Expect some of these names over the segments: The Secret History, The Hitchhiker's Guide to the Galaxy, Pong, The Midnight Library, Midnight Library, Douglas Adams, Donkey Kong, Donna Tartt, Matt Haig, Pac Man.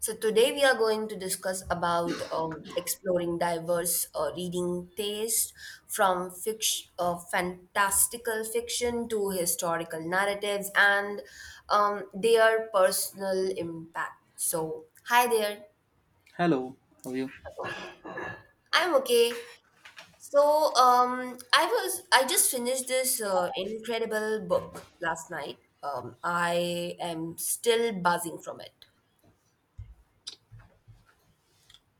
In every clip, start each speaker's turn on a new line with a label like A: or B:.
A: So today we are going to discuss about exploring diverse reading taste from fiction, fantastical fiction to historical narratives and their personal impact. So hi there,
B: Hello, how are you?
A: I'm okay. So I just finished this incredible book last night. I am still buzzing from it.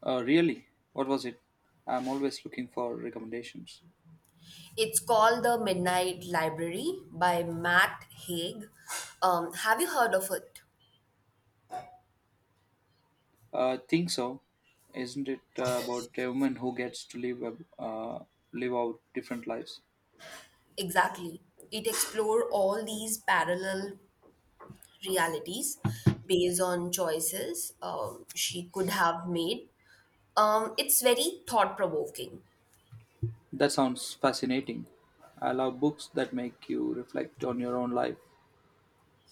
B: Really? What was it? I'm always looking for recommendations.
A: It's called The Midnight Library by Matt Haig. Have you heard of it?
B: Think so, isn't it about a woman who gets to live out different lives?
A: Exactly. It explores all these parallel realities based on choices she could have made. It's very thought provoking.
B: That sounds fascinating. I love books that make you reflect on your own life.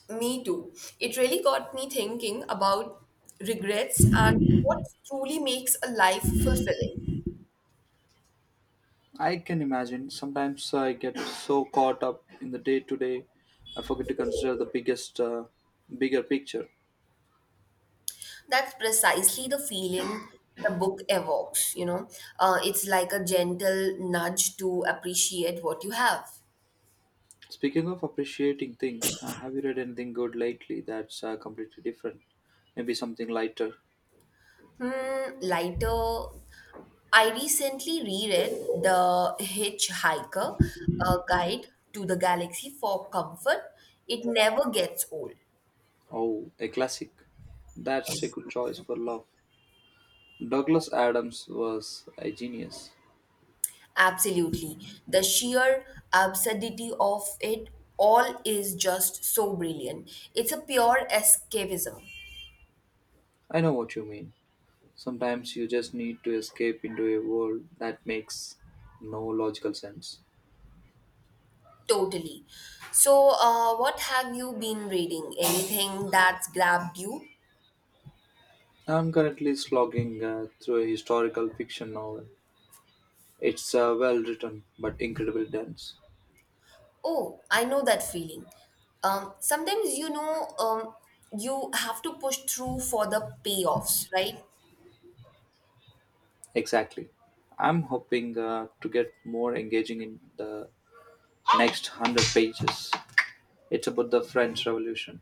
A: Me too. It really got me thinking about regrets and what truly makes a life fulfilling.
B: I can imagine. Sometimes I get so caught up in the day to day, I forget to consider the bigger picture.
A: That's precisely the feeling the book evokes. It's like a gentle nudge to appreciate what you have.
B: Speaking of appreciating things, have you read anything good lately that's completely different? Maybe something lighter.
A: Hmm, lighter. I recently reread The Hitchhiker, a guide to the galaxy for comfort. It never gets old.
B: Oh, a classic. That's a good choice for love. Douglas Adams was a genius.
A: Absolutely. The sheer absurdity of it all is just so brilliant. It's a pure escapism.
B: I know what you mean. Sometimes you just need to escape into a world that makes no logical sense.
A: Totally. So, what have you been reading? Anything that's grabbed you?
B: I'm currently slogging through a historical fiction novel. It's well written but incredibly dense.
A: Oh, I know that feeling. Sometimes you have to push through for the payoffs, right?
B: Exactly. I'm hoping to get more engaging in the next 100 pages. It's about the French Revolution.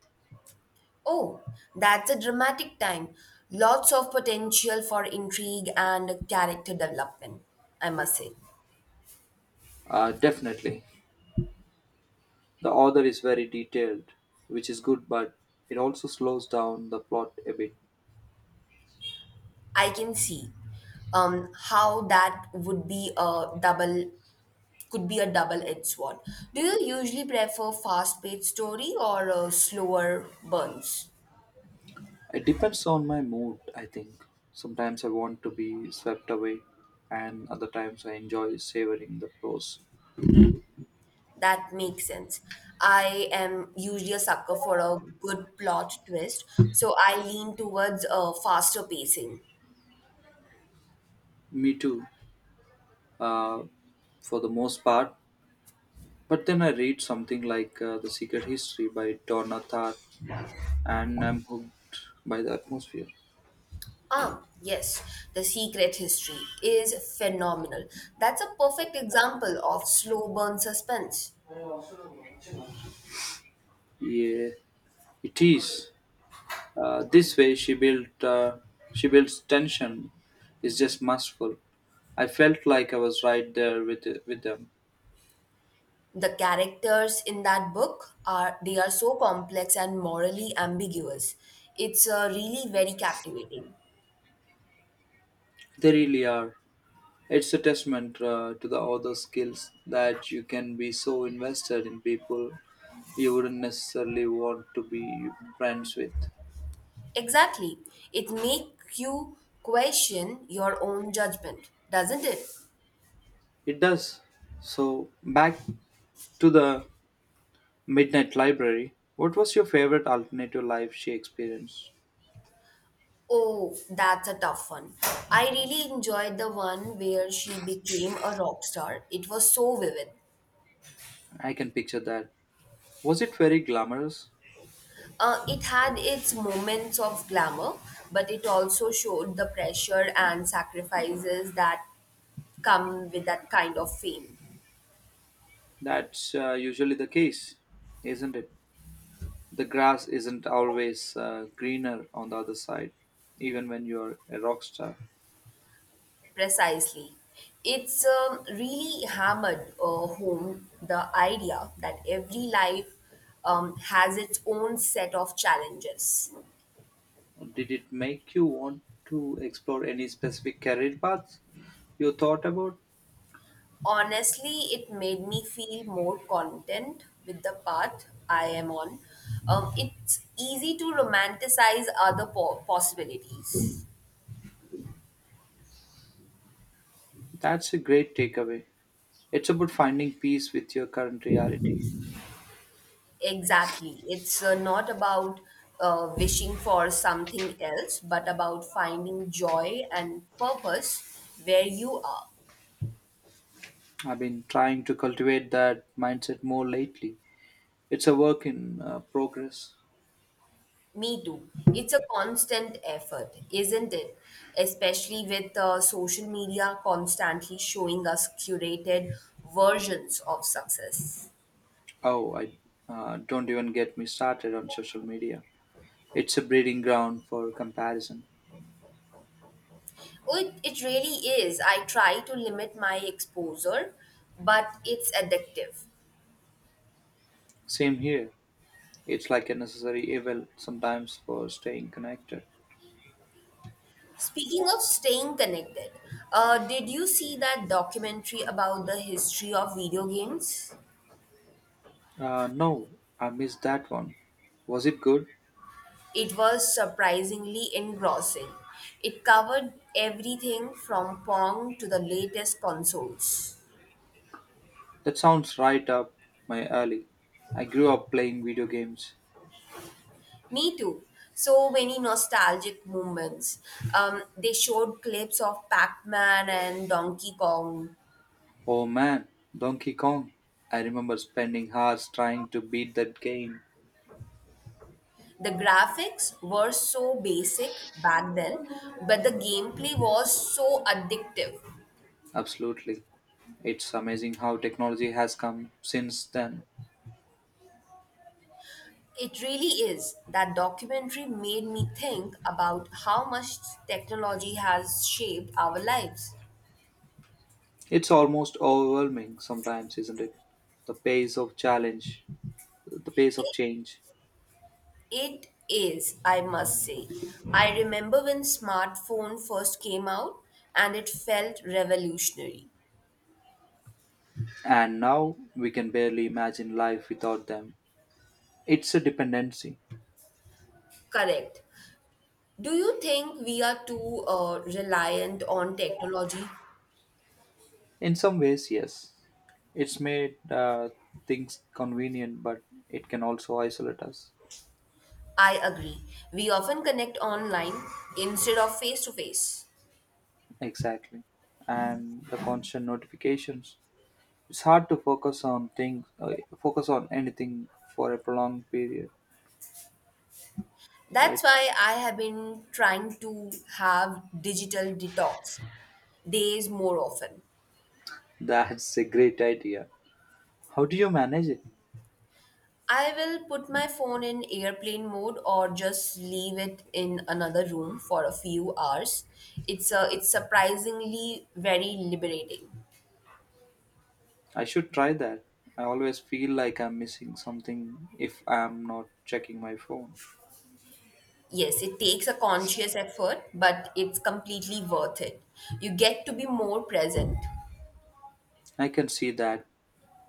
A: Oh, that's a dramatic time. Lots of potential for intrigue and character development, I must say.
B: Definitely. The author is very detailed, which is good, but it also slows down the plot a bit.
A: I can see how that would be a double could be a double-edged sword. Do you usually prefer fast-paced story or slower burns?
B: It depends on my mood, I think. Sometimes I want to be swept away, and other times I enjoy savoring the prose.
A: That makes sense. I am usually a sucker for a good plot twist, so I lean towards a faster pacing.
B: Me too, uh, for the most part. But then I read something like The Secret History by Donna Tartt and I'm hooked by the atmosphere.
A: Ah, yes, The Secret History is phenomenal. That's a perfect example of slow burn suspense.
B: Yeah, it is. This way she built She builds tension. It's just masterful. I felt like I was right there with them.
A: The characters in that book are they are so complex and morally ambiguous. It's really very captivating.
B: They really are. It's a testament to the author skills that you can be so invested in people you wouldn't necessarily want to be friends with.
A: Exactly. It makes you question your own judgment, doesn't it?
B: It does. So back to the Midnight Library. What was your favorite alternative life she experienced?
A: Oh, that's a tough one. I really enjoyed the one where she became a rock star. It was so vivid.
B: I can picture that. Was it very glamorous?
A: It had its moments of glamour, but it also showed the pressure and sacrifices that come with that kind of fame.
B: That's usually the case, isn't it? The grass isn't always greener on the other side, even when you're a rock star.
A: Precisely. It's really hammered home the idea that every life has its own set of challenges.
B: Did it make you want to explore any specific career paths you thought about?
A: Honestly, it made me feel more content with the path I am on. It's easy to romanticize other possibilities.
B: That's a great takeaway. It's about finding peace with your current reality.
A: Exactly. It's not about wishing for something else, but about finding joy and purpose where you are.
B: I've been trying to cultivate that mindset more lately. It's a work in progress.
A: Me too. It's a constant effort, isn't it? Especially with social media constantly showing us curated versions of success.
B: Oh, I don't even get me started on social media. It's a breeding ground for comparison.
A: Oh, it really is. I try to limit my exposure, but it's addictive.
B: Same here. It's like a necessary evil sometimes for staying connected.
A: Speaking of staying connected, did you see that documentary about the history of video games?
B: No, I missed that one. Was it good?
A: It was surprisingly engrossing. It covered everything from Pong to the latest consoles.
B: That sounds right up my alley. I grew up playing video games.
A: Me too. So many nostalgic moments. They showed clips of Pac Man and Donkey Kong.
B: Oh man, Donkey Kong. I remember spending hours trying to beat that game.
A: The graphics were so basic back then, but the gameplay was so addictive.
B: Absolutely. It's amazing how technology has come since then.
A: It really is. That documentary made me think about how much technology has shaped our lives.
B: It's almost overwhelming sometimes, isn't it? The pace of challenge, the pace of change.
A: It is, I must say. I remember when smartphone first came out and it felt revolutionary.
B: And now we can barely imagine life without them. It's a dependency.
A: Correct. Do you think we are too reliant on technology?
B: In some ways, yes. It's made things convenient, but it can also isolate us.
A: I agree. We often connect online instead of face to face.
B: Exactly. And the constant notifications it's hard to focus on anything for a prolonged period.
A: That's
B: Right,
A: why I have been trying to have digital detox days more often.
B: that's a great idea. How do you manage it?
A: I will put my phone in airplane mode or just leave it in another room for a few hours. It's surprisingly very liberating.
B: I should try that. I always feel like I'm missing something if I'm not checking my phone.
A: Yes, it takes a conscious effort, but it's completely worth it. You get to be more present.
B: I can see that.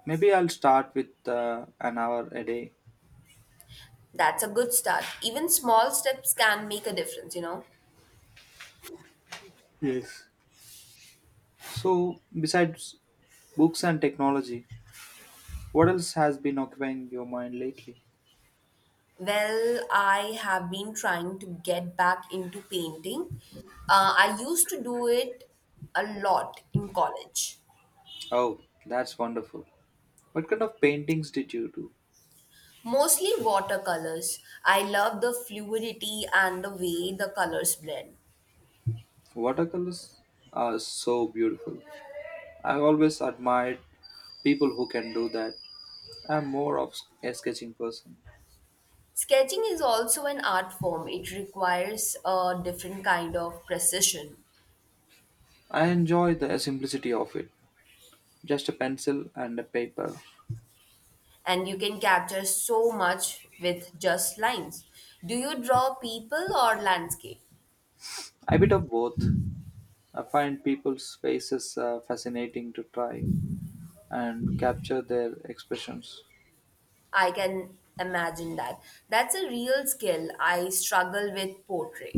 B: Maybe I'll start with an hour a day.
A: That's a good start. Even small steps can make a difference, you know.
B: Yes, so besides books and technology what else has been occupying your mind lately?
A: Well, I have been trying to get back into painting. Uh, I used to do it a lot in college.
B: Oh, that's wonderful. What kind of paintings did you do?
A: Mostly watercolors. I love the fluidity and the way the colors blend.
B: Watercolors are so beautiful. I always admired people who can do that. I'm more of a sketching person.
A: Sketching is also an art form. It requires a different kind of precision,
B: I enjoy the simplicity of it. Just a pencil and a paper.
A: and you can capture so much with just lines. Do you draw people or landscape?
B: A bit of both. I find people's faces fascinating to try and capture their expressions.
A: I can imagine that. That's a real skill. I struggle with portrait.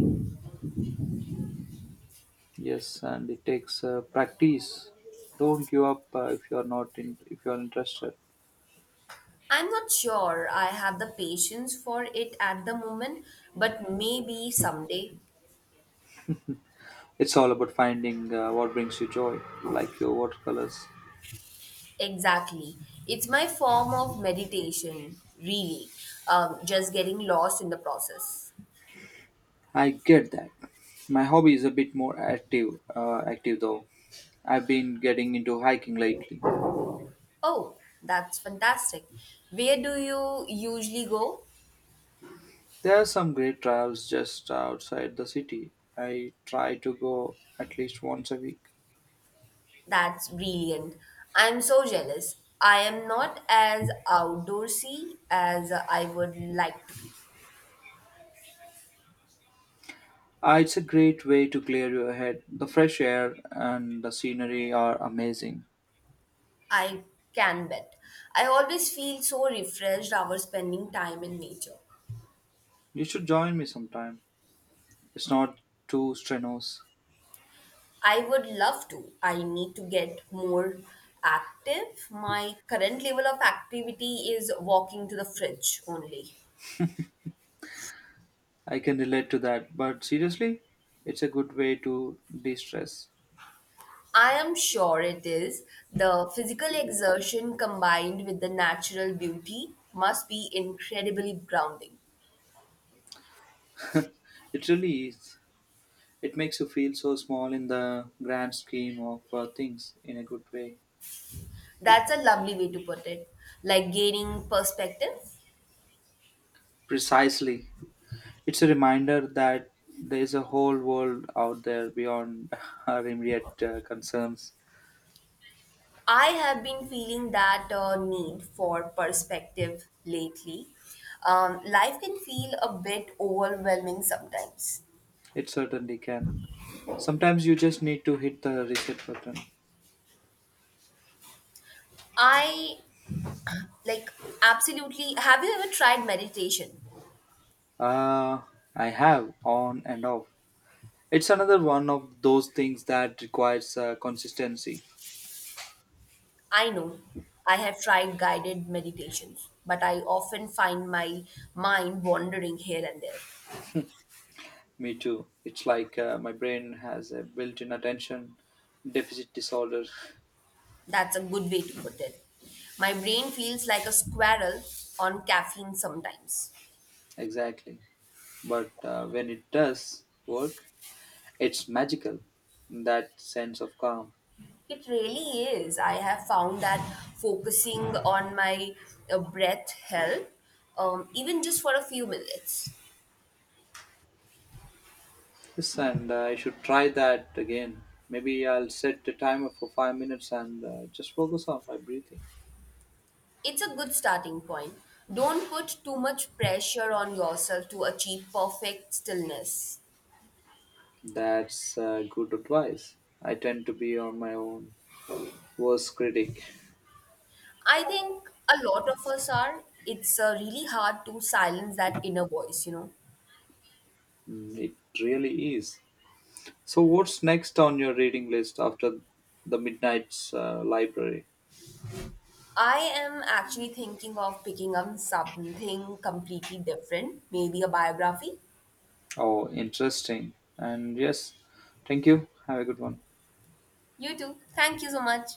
B: Yes, and it takes practice. Don't give up if you're interested.
A: I'm not sure I have the patience for it at the moment, but maybe someday.
B: It's all about finding what brings you joy, like your watercolors.
A: Exactly. It's my form of meditation, really. Just getting lost in the process.
B: I get that. My hobby is a bit more active though. I've been getting into hiking lately.
A: Oh, that's fantastic. Where do you usually go?
B: There are some great trails just outside the city. I try to go at least once a week.
A: That's brilliant. I'm so jealous. I am not as outdoorsy as I would like to.
B: It's a great way to clear your head. The fresh air and the scenery are amazing.
A: I can bet. I always feel so refreshed after spending time in nature.
B: You should join me sometime. It's not too strenuous.
A: I would love to. I need to get more active. My current level of activity is walking to the fridge only.
B: I can relate to that, but seriously, it's a good way to de stress.
A: I am sure it is. The physical exertion combined with the natural beauty must be incredibly grounding.
B: It really is. It makes you feel so small in the grand scheme of things in a good way.
A: That's a lovely way to put it. Like gaining perspective.
B: Precisely. It's a reminder that there is a whole world out there beyond our immediate concerns.
A: I have been feeling that need for perspective lately. Life can feel a bit overwhelming sometimes.
B: It certainly can. Sometimes you just need to hit the reset button.
A: I like absolutely. Have you ever tried meditation?
B: Uh, I have on and off. It's another one of those things that requires consistency.
A: I know I have tried guided meditations, but I often find my mind wandering here and there.
B: Me too. It's like my brain has a built in attention deficit disorder.
A: That's a good way to put it. My brain feels like a squirrel on caffeine sometimes.
B: Exactly. But when it does work, it's magical. That sense of calm.
A: It really is. I have found that focusing on my breath help, even just for a few minutes.
B: Yes, and I should try that again. Maybe I'll set the timer for 5 minutes and just focus on my breathing.
A: It's a good starting point. Don't put too much pressure on yourself to achieve perfect stillness.
B: That's good advice. I tend to be on my own worst critic.
A: I think a lot of us are. It's really hard to silence that inner voice, you know.
B: Mm, it really is. So, what's next on your reading list after the Midnight's Library?
A: I am actually thinking of picking up something completely different, maybe a biography.
B: Oh, interesting. And yes, thank you. Have a good one.
A: You too. Thank you so much.